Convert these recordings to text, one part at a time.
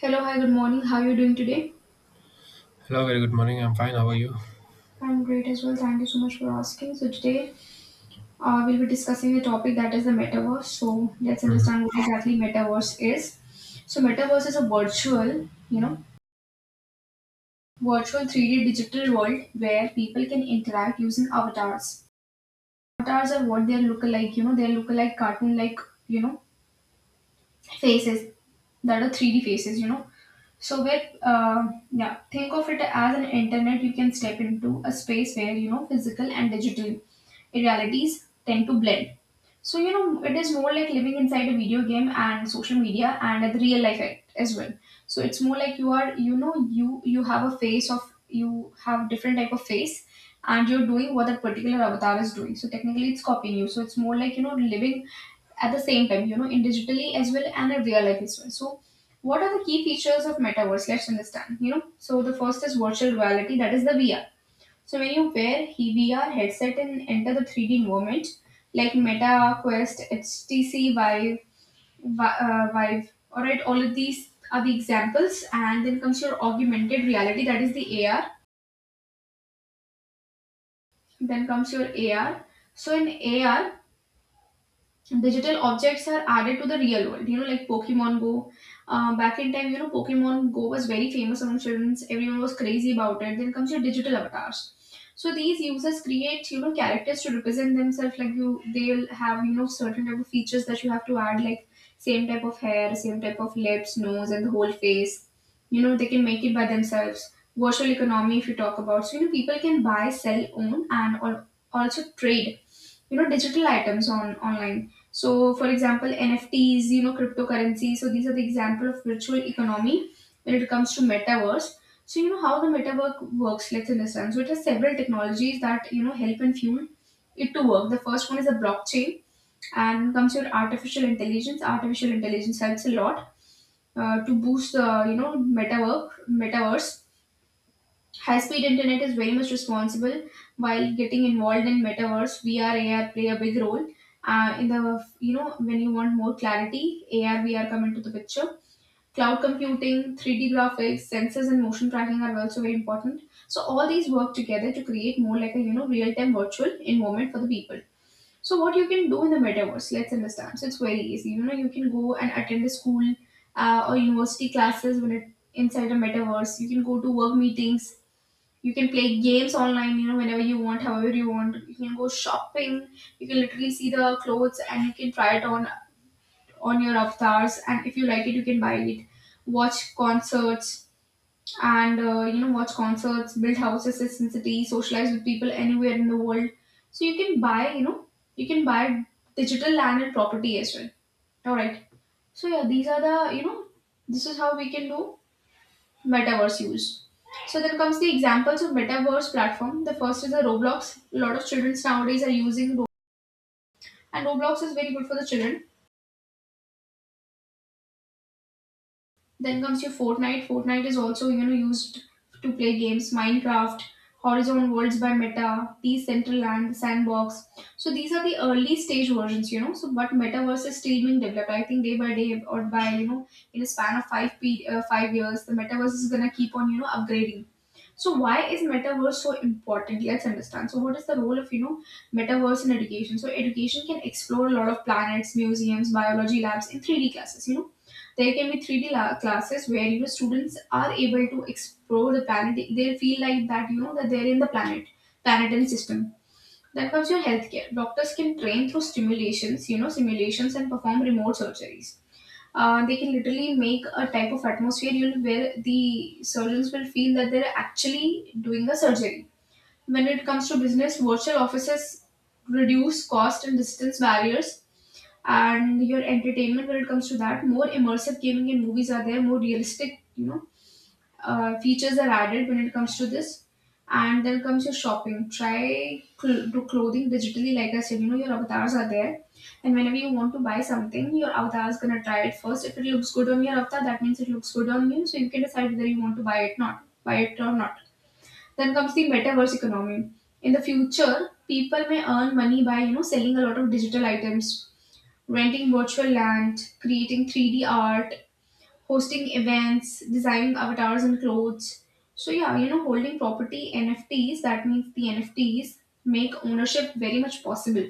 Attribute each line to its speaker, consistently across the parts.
Speaker 1: Hello, hi, good morning. How are you doing today?
Speaker 2: Hello, very good morning. I'm fine. How are you?
Speaker 1: I'm great as well. Thank you so much for asking. So today, we'll be discussing the topic that is the metaverse. So let's
Speaker 2: hmm
Speaker 1: understand what exactly metaverse is. So metaverse is a virtual, you know, virtual 3D digital world where people can interact using avatars. Avatars are what they look like, you know, they look like cartoon like, you know, faces that are 3D faces, you know. So where yeah, think of it as an internet. You can step into a space where you know physical and digital realities tend to blend. So, you know, it is more like living inside a video game and social media and the real life as well. So it's more like you are, you know, you have a face of you have different type of face and you're doing what that particular avatar is doing. So technically it's copying you. So it's more like, you know, living at the same time, you know, in digitally as well and in real life as well. So what are the key features of metaverse? Let's understand. You know, so the first is virtual reality, that is the VR. So when you wear VR headset and enter the 3D environment like Meta Quest, HTC Vive, Vive. All right, all of these are the examples, and then comes your augmented reality, that is the AR. Then comes your AR. So in AR, digital objects are added to the real world, you know, like Pokemon Go. Back in time, you know, Pokemon Go was very famous among children. Everyone was crazy about it. Then comes your digital avatars. So these users create, you know, characters to represent themselves, like you, they'll have, you know, certain type of features that you have to add, like same type of hair, same type of lips, nose, and the whole face. You know, they can make it by themselves. Virtual economy, if you talk about, so you know people can buy, sell, own, and also trade, you know, digital items on online. So for example, NFTs, you know, cryptocurrency. So these are the example of virtual economy when it comes to metaverse. So you know how the metaverse works, let's understand. So it has several technologies that, you know, help and fuel it to work. The first one is a blockchain, and comes your artificial intelligence. Artificial intelligence helps a lot to boost the you know metaverse. High speed internet is very much responsible while getting involved in metaverse. VR, AR play a big role. In the you know when you want more clarity, AR, VR come into the picture. Cloud computing, 3D graphics, sensors, and motion tracking are also very important. So all these work together to create more like a you know real-time virtual environment for the people. So what you can do in the metaverse, let's understand. So it's very easy. You know you can go and attend a school or university classes when it inside a metaverse. You can go to work meetings, you can play games online, you know, whenever you want, however you want. You can go shopping. You can literally see the clothes and you can try it on your avatars. And if you like it, you can buy it. Watch concerts and you know watch concerts, build houses in city, socialize with people anywhere in the world. So you can buy, you know, you can buy digital land and property as well. All right. So yeah, these are the you know this is how we can do metaverse use. So then comes the examples of metaverse platform. The first is the Roblox. A lot of children nowadays are using Roblox, and Roblox is very good for the children. Then comes your Fortnite. Fortnite is also you know used to play games. Minecraft, Horizon Worlds by Meta, Decentraland, Sandbox. So these are the early stage versions, you know. So but metaverse is still being developed. I think day by day or by you know in a span of 5 years, the metaverse is gonna keep on you know upgrading. So why is metaverse so important? Let's understand. So what is the role of you know metaverse in education? So education can explore a lot of planets, museums, biology labs in 3D classes. You know, there can be classes where you know students are able to explore the planet. They feel like that you know that they're in the planet and system. Then comes your healthcare. Doctors can train through stimulations, you know, simulations, and perform remote surgeries. They can literally make a type of atmosphere you'll, where the surgeons will feel that they're actually doing a surgery. When it comes to business, virtual offices reduce cost and distance barriers, and your entertainment when it comes to that. More immersive gaming and movies are there, more realistic you know features are added when it comes to this. And then comes your shopping. Try do clothing digitally, like I said. You know your avatars are there, and whenever you want to buy something, your avatar is gonna try it first. If it looks good on your avatar, that means it looks good on you. So you can decide whether you want to buy it or not. Then comes the metaverse economy. In the future, people may earn money by you know selling a lot of digital items, renting virtual land, creating 3D art, hosting events, designing avatars and clothes. So yeah, you know, holding property NFTs, that means the NFTs make ownership very much possible.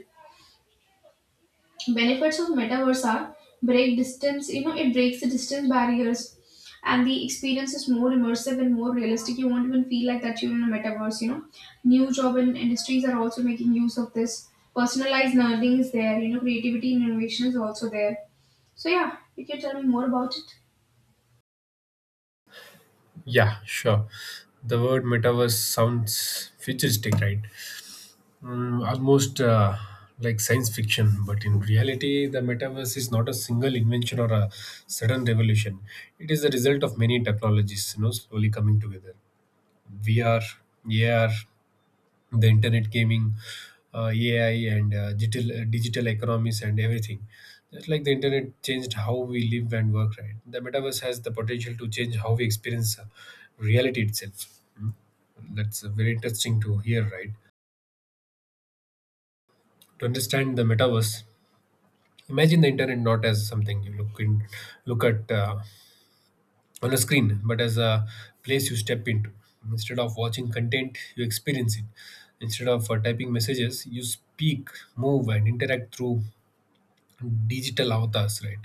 Speaker 1: Benefits of metaverse are break distance, you know, it breaks the distance barriers, and the experience is more immersive and more realistic. You won't even feel like that you're in a metaverse, you know. New job and industries are also making use of this. Personalized learning is there, you know, creativity and innovation is also there. So yeah, you can tell me more about it.
Speaker 2: Yeah, sure. The word metaverse sounds futuristic, right? Almost like science fiction, but in reality, the metaverse is not a single invention or a sudden revolution. It is the result of many technologies, you know, slowly coming together. VR, AR, the internet gaming, AI, and digital economies and everything. Just like the internet changed how we live and work, right? The metaverse has the potential to change how we experience reality itself. That's very interesting to hear, right? To understand the metaverse, imagine the internet not as something you look at on a screen, but as a place you step into. Instead of watching content, you experience it. Instead of typing messages, you speak, move, and interact through digital avatars, right?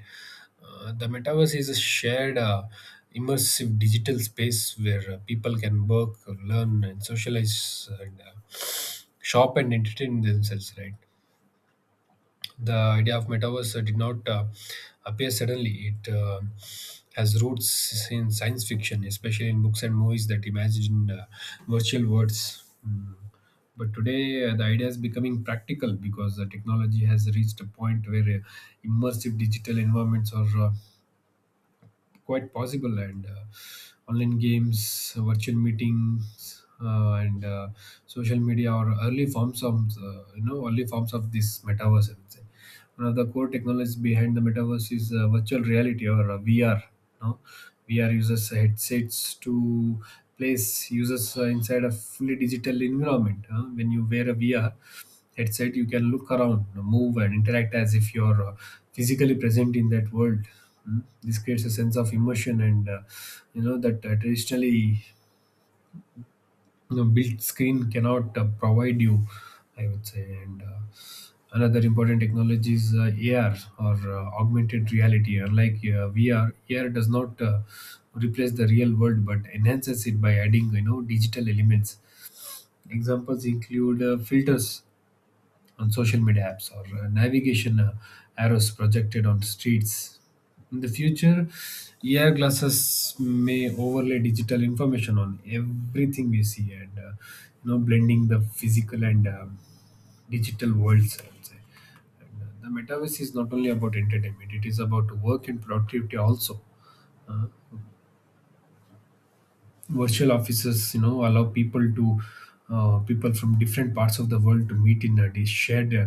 Speaker 2: The metaverse is a shared, immersive digital space where people can work, learn, and socialize, and shop and entertain themselves, right? The idea of metaverse did not appear suddenly. It has roots in science fiction, especially in books and movies that imagine virtual worlds. Mm. But today, the idea is becoming practical because the technology has reached a point where immersive digital environments are quite possible, and online games, virtual meetings, and social media, or early forms of early forms of this metaverse, I would say. One of the core technologies behind the metaverse is virtual reality, or vr no VR. Uses headsets to place users inside a fully digital environment. When you wear a VR that said, you can look around, move, and interact as if you're physically present in that world. Mm. This creates a sense of immersion, and that traditionally built screen cannot provide you. I would say. And another important technology is AR, or augmented reality. Unlike VR, AR does not replace the real world but enhances it by adding, you know, digital elements. Examples include filters on social media apps, or navigation arrows projected on streets. In the future, AR glasses may overlay digital information on everything we see, and blending the physical and digital worlds. I would say. And the metaverse is not only about entertainment; it is about work and productivity also. Uh, Virtual offices, you know, allow people to people from different parts of the world to meet in these shared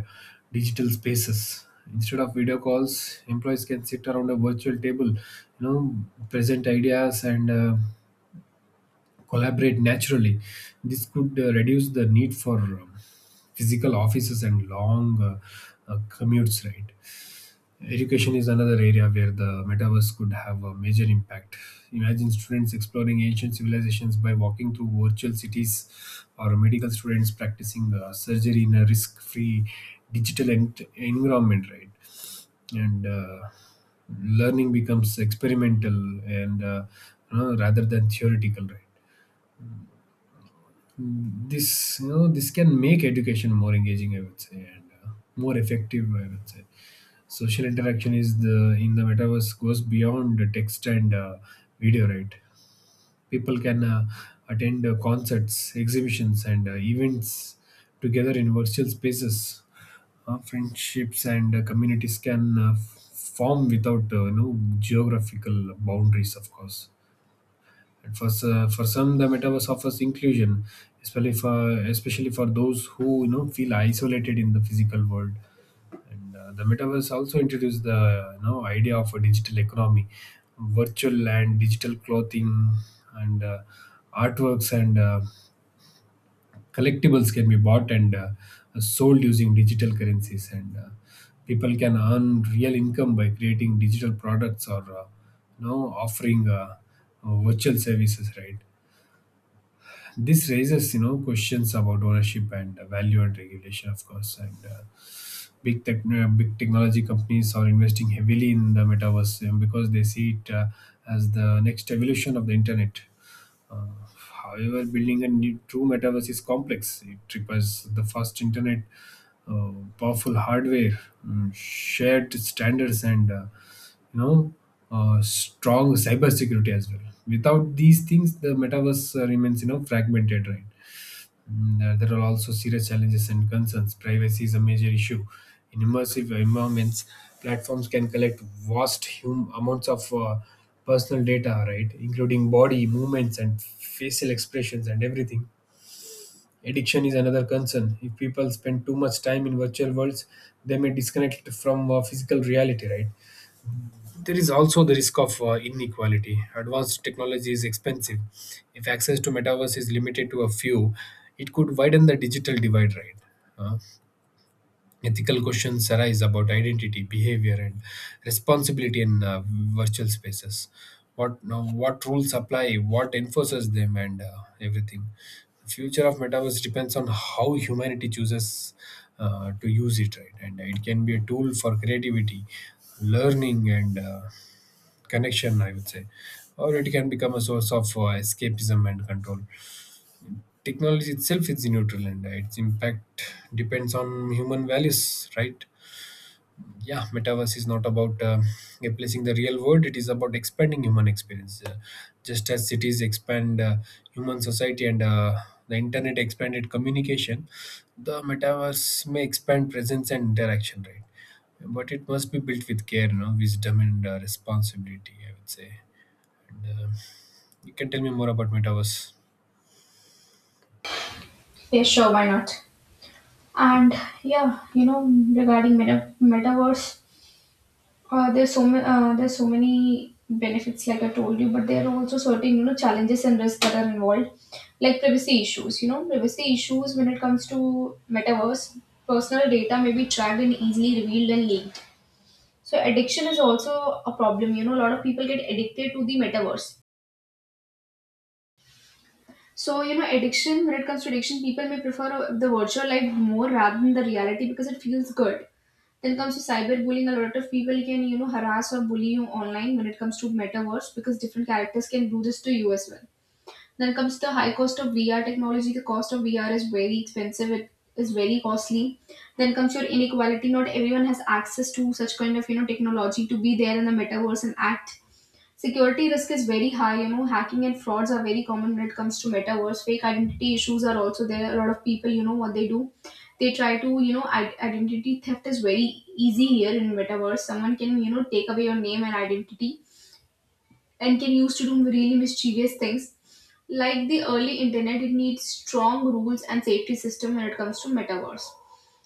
Speaker 2: digital spaces instead of video calls. Employees can sit around a virtual table, you know, present ideas, and collaborate naturally. This could reduce the need for physical offices and long commutes, right? Education is another area where the metaverse could have a major impact. Imagine students exploring ancient civilizations by walking through virtual cities, or medical students practicing surgery in a risk free digital environment, right? And learning becomes experimental and, you know, rather than theoretical, right? This this can make education more engaging, I would say, and more effective, I would say. Social interaction is the in the metaverse goes beyond the text and video, right? People can attend concerts, exhibitions, and events together in virtual spaces. Friendships and communities can form without geographical boundaries, of course. And for for some, the metaverse offers inclusion, especially for especially for those who, you know, feel isolated in the physical world. And the metaverse also introduced the, you know, idea of a digital economy. Virtual and digital clothing, and artworks, and collectibles can be bought and sold using digital currencies. And people can earn real income by creating digital products, or offering virtual services, right? This raises, you know, questions about ownership and value and regulation, of course. And big technology companies are investing heavily in the metaverse, because they see it as the next evolution of the internet. Uh, However, building a new, true metaverse is complex. It requires the fast internet, powerful hardware, shared standards, and you know, strong cybersecurity as well. Without these things, the metaverse remains, you know, fragmented, right? There are also serious challenges and concerns. Privacy is a major issue. In immersive environments, platforms can collect vast amounts of personal data, right, including body movements and facial expressions and everything. Addiction is another concern. If people spend too much time in virtual worlds, they may disconnect from physical reality, right? There is also the risk of inequality. Advanced technology is expensive. If access to metaverse is limited to a few, it could widen the digital divide, right? Uh, Ethical questions arise about identity, behavior, and responsibility in virtual spaces. What no, what rules apply? What enforces them? And everything. The future of metaverse depends on how humanity chooses to use it, right? And it can be a tool for creativity, learning, and connection, I would say, or it can become a source of escapism and control. Technology itself is neutral, and its impact depends on human values, right? Yeah, metaverse is not about replacing the real world; it is about expanding human experience. Just as cities expand human society, and the internet expanded communication, the metaverse may expand presence and interaction, right? But it must be built with care, you know, wisdom, and responsibility, I would say. And you can tell me more about metaverse.
Speaker 1: Yeah, sure, why not? And yeah, you know, regarding metaverse, there's so many benefits like I told you, but there are also certain you know challenges and risks that are involved, like privacy issues when it comes to metaverse. Personal data may be tracked and easily revealed and leaked. So addiction is also a problem, you know, a lot of people get addicted to the metaverse. So, you know, addiction, when it comes to addiction, people may prefer the virtual life more rather than the reality because it feels good. Then comes to cyberbullying, a lot of people can, you know, harass or bully you online when it comes to metaverse because different characters can do this to you as well. Then comes the high cost of VR technology. The cost of VR is very expensive, it is very costly. Then comes your inequality. Not everyone has access to such kind of, you know, technology to be there in the metaverse and act. Security risk is very high. You know, hacking and frauds are very common when it comes to metaverse. Fake identity issues are also there. A lot of people, you know, what they do, they try to, you know, identity theft is very easy here in metaverse. Someone can, you know, take away your name and identity and can use to do really mischievous things. Like the early internet, it needs strong rules and safety system when it comes to metaverse.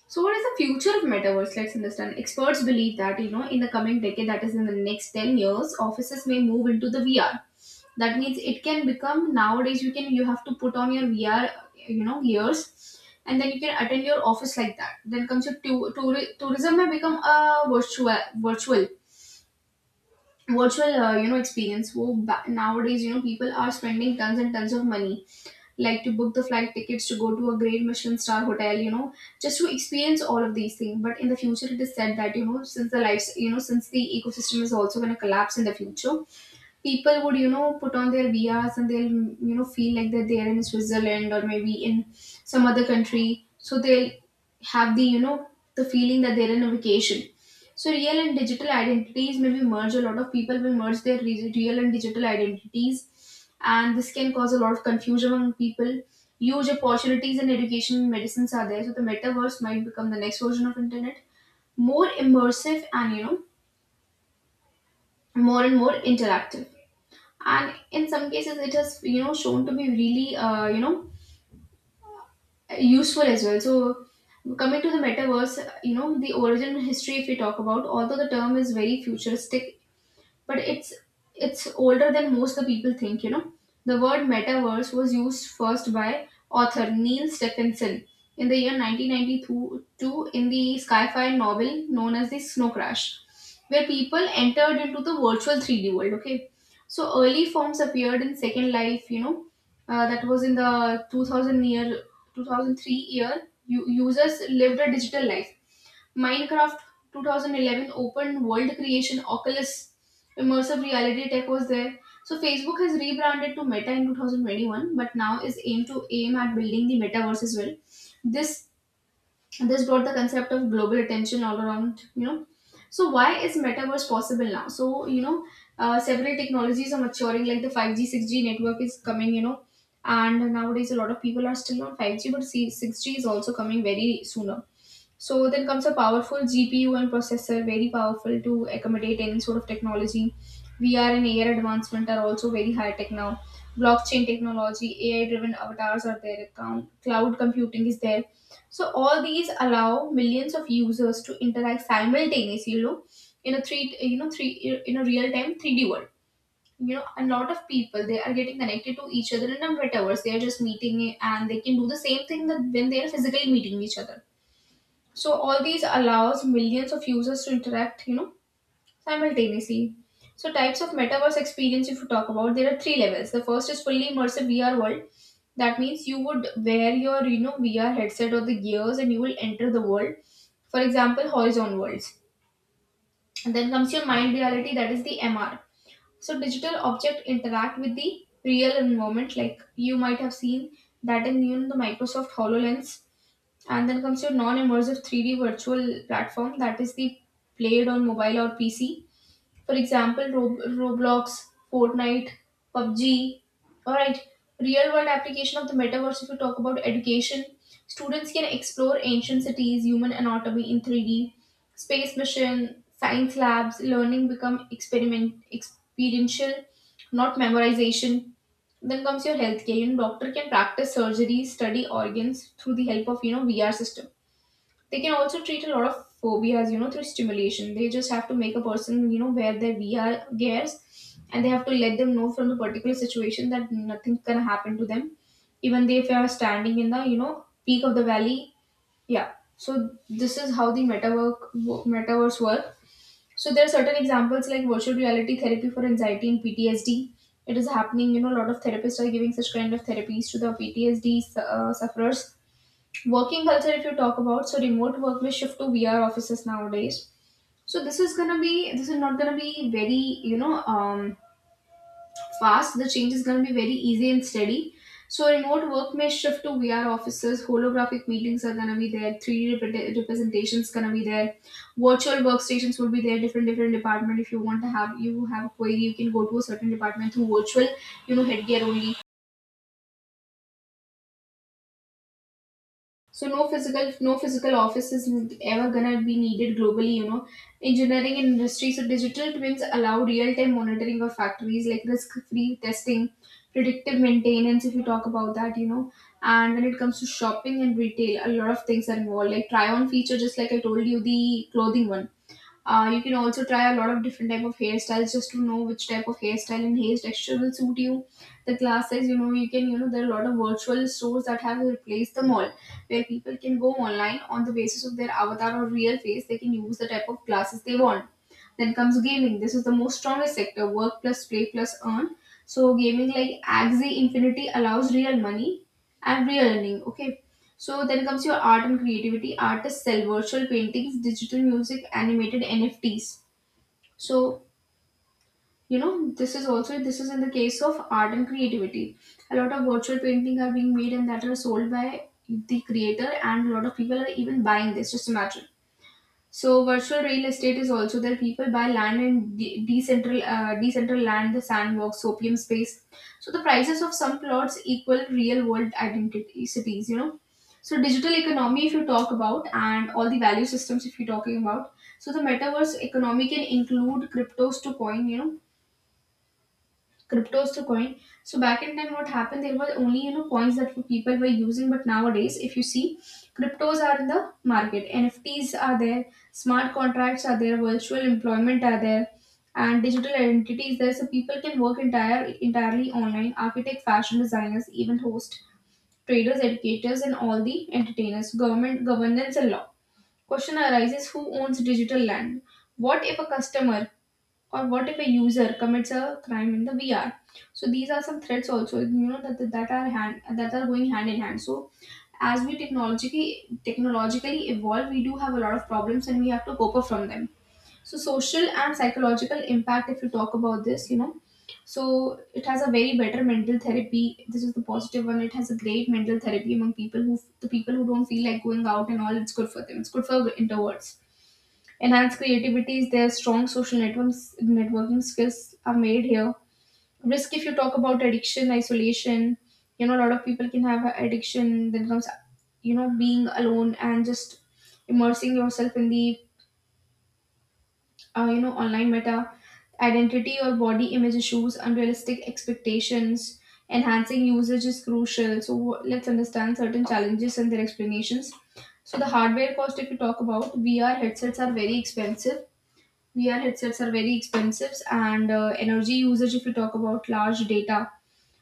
Speaker 1: So, what is the future of metaverse? Let's understand. Experts believe that you know, in the coming decade, that is in the next 10 years, offices may move into the VR. That means it can become nowadays. You have to put on your VR, you know, gears, and then you can attend your office like that. Then comes your tourism may become a virtual you know experience. So nowadays, you know, people are spending tons and tons of money like to book the flight tickets to go to a great Michelin star hotel, you know, just to experience all of these things. But in the future, it is said that, since the lives, since the ecosystem is also going to collapse in the future, people would put on their vias, and they'll feel like that they're in Switzerland or maybe in some other country, so they'll have the you know the feeling that they're in a vacation. So real and digital identities maybe merge. A lot of people will merge their real and digital identities, and this can cause a lot of confusion among people. Huge opportunities in education and medicines are there, so the metaverse might become the next version of internet, more immersive and more and more interactive. And in some cases, it has shown to be really useful as well. So coming to the metaverse, you know, the origin history, if we talk about, although the term is very futuristic, but it's older than most the people think, you know. The word metaverse was used first by author Neil Stephenson in the year 1992 in the sci-fi novel known as The Snow Crash, where people entered into the virtual 3D world. Okay, so early forms appeared in Second Life, you know. Uh, that was in the 2000 year, 2003 year. Users lived a digital life. Minecraft, 2011, open world creation. Oculus, immersive reality tech was there. So Facebook has rebranded to Meta in 2021, but now is aimed to aim at building the metaverse as well. This this brought the concept of global attention all around, you know. So why is metaverse possible now? So, you know, several technologies are maturing, like the 5G 6G network is coming, you know. And nowadays a lot of people are still on 5G, but see 6G is also coming very sooner. So then comes a powerful GPU and processor, very powerful to accommodate any sort of technology. VR and AR advancement are also very high tech now. Blockchain technology, AI-driven avatars are there, account, cloud computing is there. So all these allow millions of users to interact simultaneously, you know, in a three, you know, three in a real-time 3D world. You know, a lot of people, they are getting connected to each other in a metaverse. They are just meeting, and they can do the same thing that when they are physically meeting each other. So all these allows millions of users to interact, you know, simultaneously. So types of metaverse experience, if you talk about, there are three levels. The first is fully immersive VR world. That means you would wear your VR headset or the gears, and you will enter the world. For example, Horizon Worlds. And then comes your mind reality, that is the MR. So digital object interact with the real environment, like you might have seen that in, you know, the Microsoft HoloLens. And then comes your non-immersive 3D virtual platform, that is the played on mobile or PC. For example, Roblox, Fortnite, PUBG. Alright, real world application of the metaverse. If you talk about education, students can explore ancient cities, human anatomy in 3D, space mission, science labs, learning become experiment experiential, not memorization. Then comes your healthcare. You know, doctor can practice surgery, study organs through the help of, you know, VR system. They can also treat a lot of phobias, you know, through stimulation. They just have to make a person, you know, wear their VR gears, and they have to let them know from the particular situation that nothing's gonna happen to them, even they if they are standing in the, you know, peak of the valley. Yeah. So this is how the metaverse work. So there are certain examples like virtual reality therapy for anxiety and PTSD. It is happening. You know, a lot of therapists are giving such kind of therapies to the PTSD sufferers. Working culture, if you talk about, so remote work will shift to VR offices nowadays. So this is gonna be, this is not gonna be very, you know um, fast. The change is gonna be very easy and steady. So remote work may shift to VR offices. Holographic meetings are gonna be there. 3D representations gonna be there. Virtual workstations will be there. Different different department, if you want to have, you have a query, you can go to a certain department through virtual, you know, headgear only. So no physical office is ever gonna be needed globally, you know. Engineering and industry. So digital twins allow real time monitoring of factories, like risk free testing, predictive maintenance, if you talk about that, you know. And when it comes to shopping and retail, a lot of things are involved. Like try on feature, just like I told you, the clothing one. You can also try a lot of different type of hairstyles, just to know which type of hairstyle and hair texture will suit you. The classes, you know, you can, you know, there are a lot of virtual stores that have replaced the mall, where people can go online on the basis of their avatar or real face. They can use the type of glasses they want. Then comes gaming. This is the most strongest sector. Work plus play plus earn. So gaming like Axie Infinity allows real money and real earning. Okay, so then comes your art and creativity. Artists sell virtual paintings, digital music, animated NFTs. So, you know, this is also, this is in the case of art and creativity. A lot of virtual painting are being made, and that are sold by the creator, and a lot of people are even buying this. Just imagine. So virtual real estate is also there. People buy land in decentral decentral land, the sandbox, opium space. So the prices of some plots equal real world identity cities, you know. So digital economy, if you talk about, and all the value systems, if you're talking about. So the metaverse economy can include cryptos to coin. Cryptos to coin. So back in time, what happened? There were only, you know, coins that people were using, but nowadays, if you see, cryptos are in the market. NFTs are there, smart contracts are there, virtual employment are there, and digital identities there. So people can work entirely online. Architect, fashion designers, event host, traders, educators, and all the entertainers. Government governance and law. Question arises: who owns digital land? What if a customer, or what if a user commits a crime in the VR? So these are some threats also, you know, that are hand that are going hand in hand. So as we technologically evolve, we do have a lot of problems, and we have to cope up from them. So social and psychological impact, if you talk about this, you know, so it has a very better mental therapy. This is the positive one. It has a great mental therapy among people who the people who don't feel like going out and all. It's good for them. It's good for introverts. Enhance creativity is there. Strong social networks, networking skills are made here. Risk, if you talk about, addiction, isolation, you know, a lot of people can have addiction. Then comes, you know, being alone and just immersing yourself in the, you know, online meta identity, or body image issues, unrealistic expectations. Enhancing usage is crucial. So let's understand certain challenges and their explanations. So the hardware cost, if you talk about, VR headsets are very expensive. VR headsets are very expensive. And energy usage, if you talk about, large data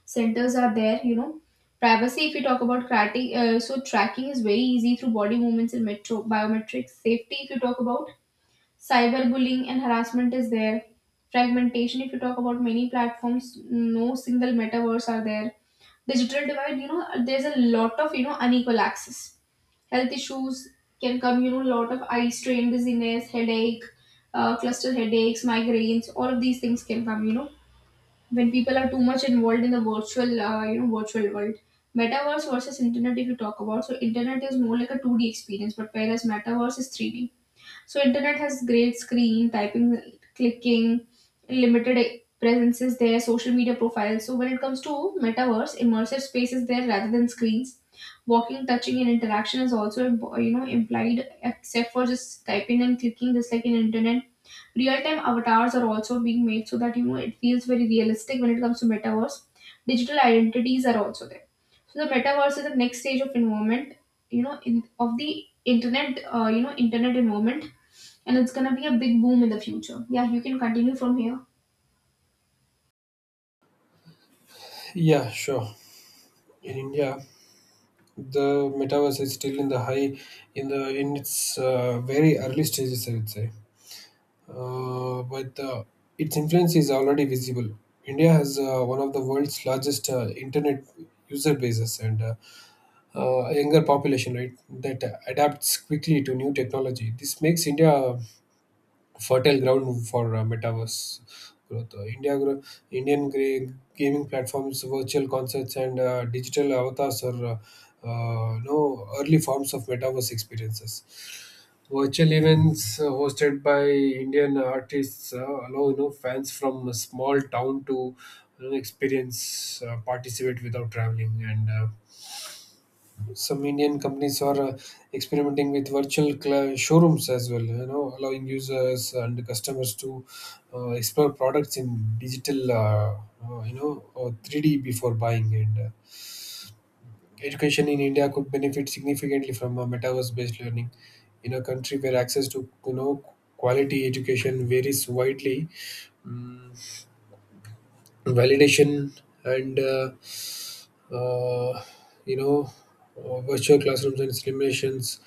Speaker 1: centers are there, you know. Privacy, if you talk about tracking, so tracking is very easy through body movements and metro biometrics. Safety, if you talk about, cyberbullying and harassment is there. Fragmentation, if you talk about, many platforms, no single metaverse are there. Digital divide, you know, there's a lot of, you know, unequal access. Health issues can come, you know, lot of eye strain, dizziness, headache, cluster headaches, migraines, all of these things can come, you know, when people are too much involved in the virtual, you know, virtual world. Metaverse versus internet, if you talk about, so internet is more like a 2D experience, but whereas metaverse is 3D. So internet has great screen, typing, clicking, limited presence is there, social media profiles. So when it comes to metaverse, immersive space is there, rather than screens. Walking, touching, and interaction is also you know implied, except for just typing and clicking, just like in internet. Real time avatars are also being made, so that you know it feels very realistic when it comes to metaverse. Digital identities are also there. So the metaverse is the next stage of involvement, you know, in of the internet, you know, internet involvement, and it's gonna be a big boom in the future. Yeah, you can continue from here.
Speaker 2: Yeah, sure. In India, the metaverse is still in the in its very early stages, I would say. But its influence is already visible. India has one of the world's largest internet user bases, and a younger population, right? That adapts quickly to new technology. This makes India fertile ground for metaverse growth. Indian gaming platforms, virtual concerts, and digital avatars are no early forms of metaverse experiences. Virtual events hosted by Indian artists allow, you know, fans from a small town to, you know, experience participate without traveling, and. Some Indian companies are experimenting with virtual showrooms as well, you know, allowing users and customers to explore products in digital, you know, or 3D before buying. And education in India could benefit significantly from metaverse-based learning in a country where access to, you know, quality education varies widely. Mm, Validation, and uh, you know virtual classrooms and simulations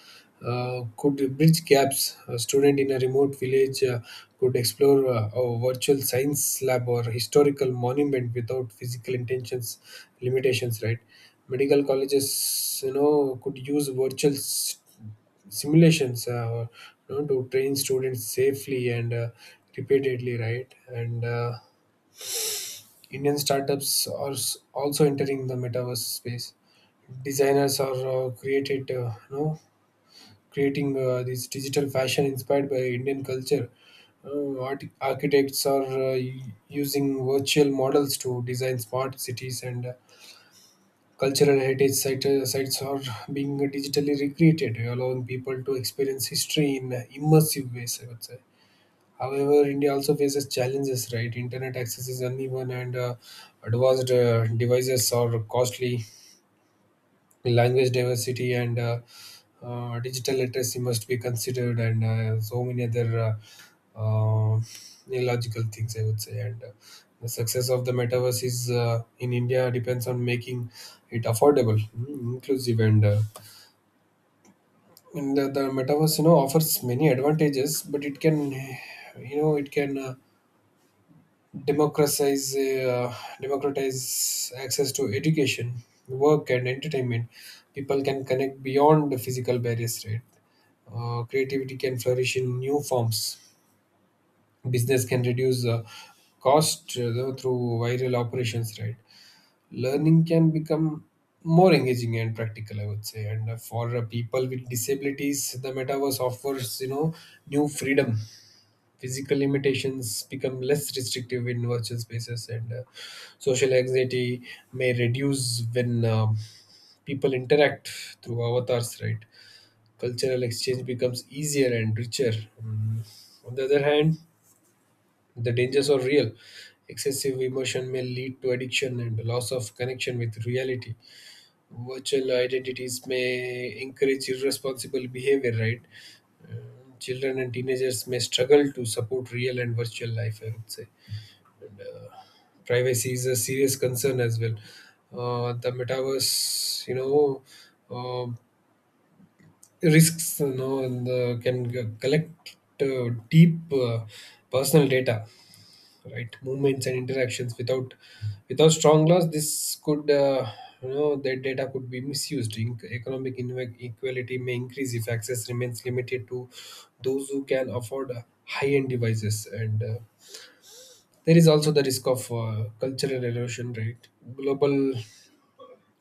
Speaker 2: could bridge gaps. A student in a remote village could explore a virtual science lab or historical monument without physical intentions limitations. Right? Medical colleges, you know, could use virtual simulations, you know, to train students safely and repeatedly. Right? And Indian startups are also entering the metaverse space. Designers are creating this digital fashion inspired by Indian culture. Architects are using virtual models to design smart cities, and cultural heritage sites are being digitally recreated, allowing people to experience history in immersive ways. I would say. However, India also faces challenges, right? Internet access is uneven, and advanced devices are costly. Language diversity and digital literacy must be considered, and so many other uh, uh, illogical things, I would say. And the success of the metaverse is in India depends on making it affordable, inclusive, and the metaverse, you know, offers many advantages, but it can. Democratize uh, Democratize access to education, work, and entertainment. People can connect beyond the physical barriers, right? Creativity can flourish in new forms. Business can reduce cost through viral operations, right? Learning can become more engaging and practical, I would say. And for people with disabilities, the metaverse offers, you know, new freedom. Physical limitations become less restrictive in virtual spaces, and social anxiety may reduce when people interact through avatars, right? Cultural exchange becomes easier and richer. Mm. On the other hand, the dangers are real. Excessive emotion may lead to addiction and loss of connection with reality. Virtual identities may encourage irresponsible behavior, right? Uh, Children and teenagers may struggle to support real and virtual life, I would say. Privacy is a serious concern as well. The metaverse, you know, uh, risks, you know, and can collect deep personal data, right? Movements and interactions without strong laws. This could, that data could be misused. Economic inequality may increase if access remains limited to those who can afford high-end devices and. There is also the risk of cultural erosion, right? Global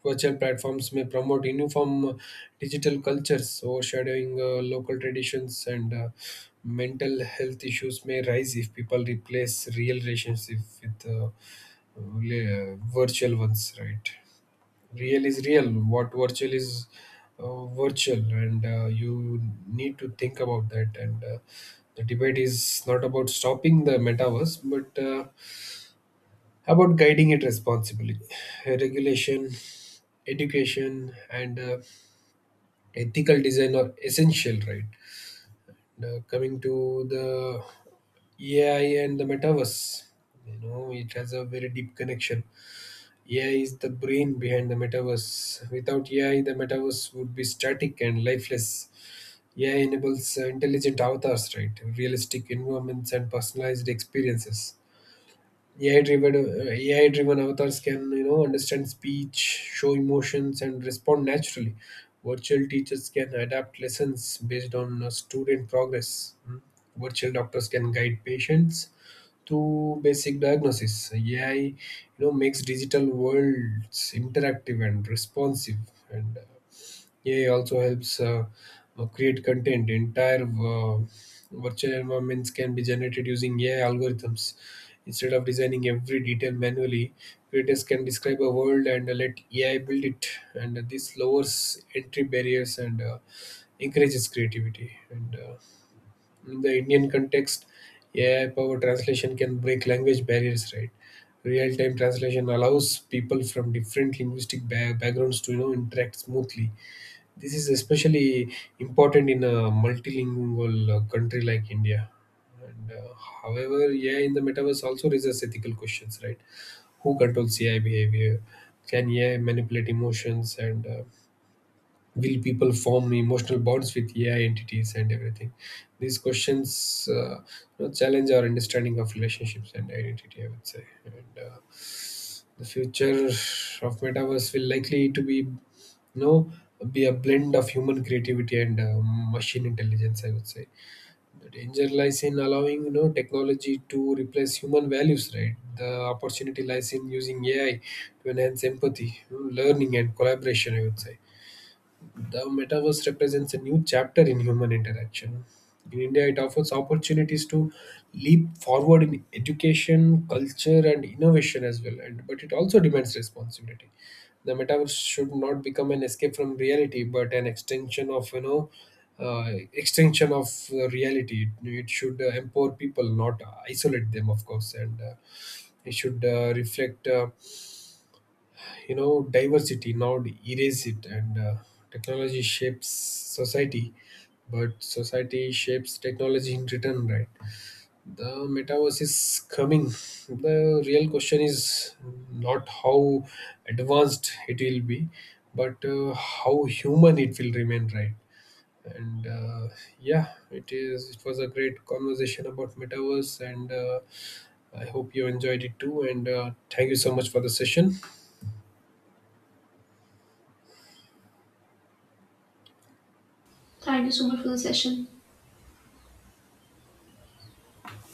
Speaker 2: virtual platforms may promote uniform digital cultures, overshadowing local traditions, and mental health issues may rise if people replace real relationships with virtual ones, right? Real is real, what virtual is virtual, and you need to think about that. And the debate is not about stopping the metaverse, but about guiding it responsibly. Regulation, education, and ethical design are essential. Right now, coming to the AI and the metaverse, you know, it has a very deep connection. AI is the brain behind the metaverse. Without AI, the metaverse would be static and lifeless. AI enables intelligent avatars, right? Realistic environments and personalized experiences. AI driven AI driven avatars can, you know, understand speech, show emotions, and respond naturally. Virtual teachers can adapt lessons based on student progress. Mm. Virtual doctors can guide patients to basic diagnosis. AI, you know, makes digital worlds interactive and responsive, and AI also helps create content. Entire virtual environments can be generated using AI algorithms. Instead of designing every detail manually, creators can describe a world and let AI build it. And this lowers entry barriers and encourages creativity. And in the Indian context, AI powered translation can break language barriers, right? Real time translation allows people from different linguistic backgrounds to, you know, interact smoothly. This is especially important in a multilingual country like India. And however, AI in the metaverse also raises ethical questions, right? Who controls AI behavior? Can AI manipulate emotions? And Will people form emotional bonds with AI entities and everything? These questions, you know, challenge our understanding of relationships and identity, I would say. And the future of metaverse will likely to be, you know, be a blend of human creativity and machine intelligence, I would say. The danger lies in allowing, you know, technology to replace human values, right? The opportunity lies in using AI to enhance empathy, you know, learning, and collaboration, I would say. The metaverse represents a new chapter in human interaction. In India, it offers opportunities to leap forward in education, culture, and innovation as well. And but it also demands responsibility. The metaverse should not become an escape from reality, but an extension of reality. It should empower people, not isolate them, of course, and it should reflect, you know, diversity. Now erase it, and technology shapes society, but society shapes technology in return, right? The metaverse is coming. The real question is not how advanced it will be, but how human it will remain, right? And yeah, it was a great conversation about metaverse, and I hope you enjoyed it too, and thank you so much for the session.
Speaker 1: Thank you so much for the session.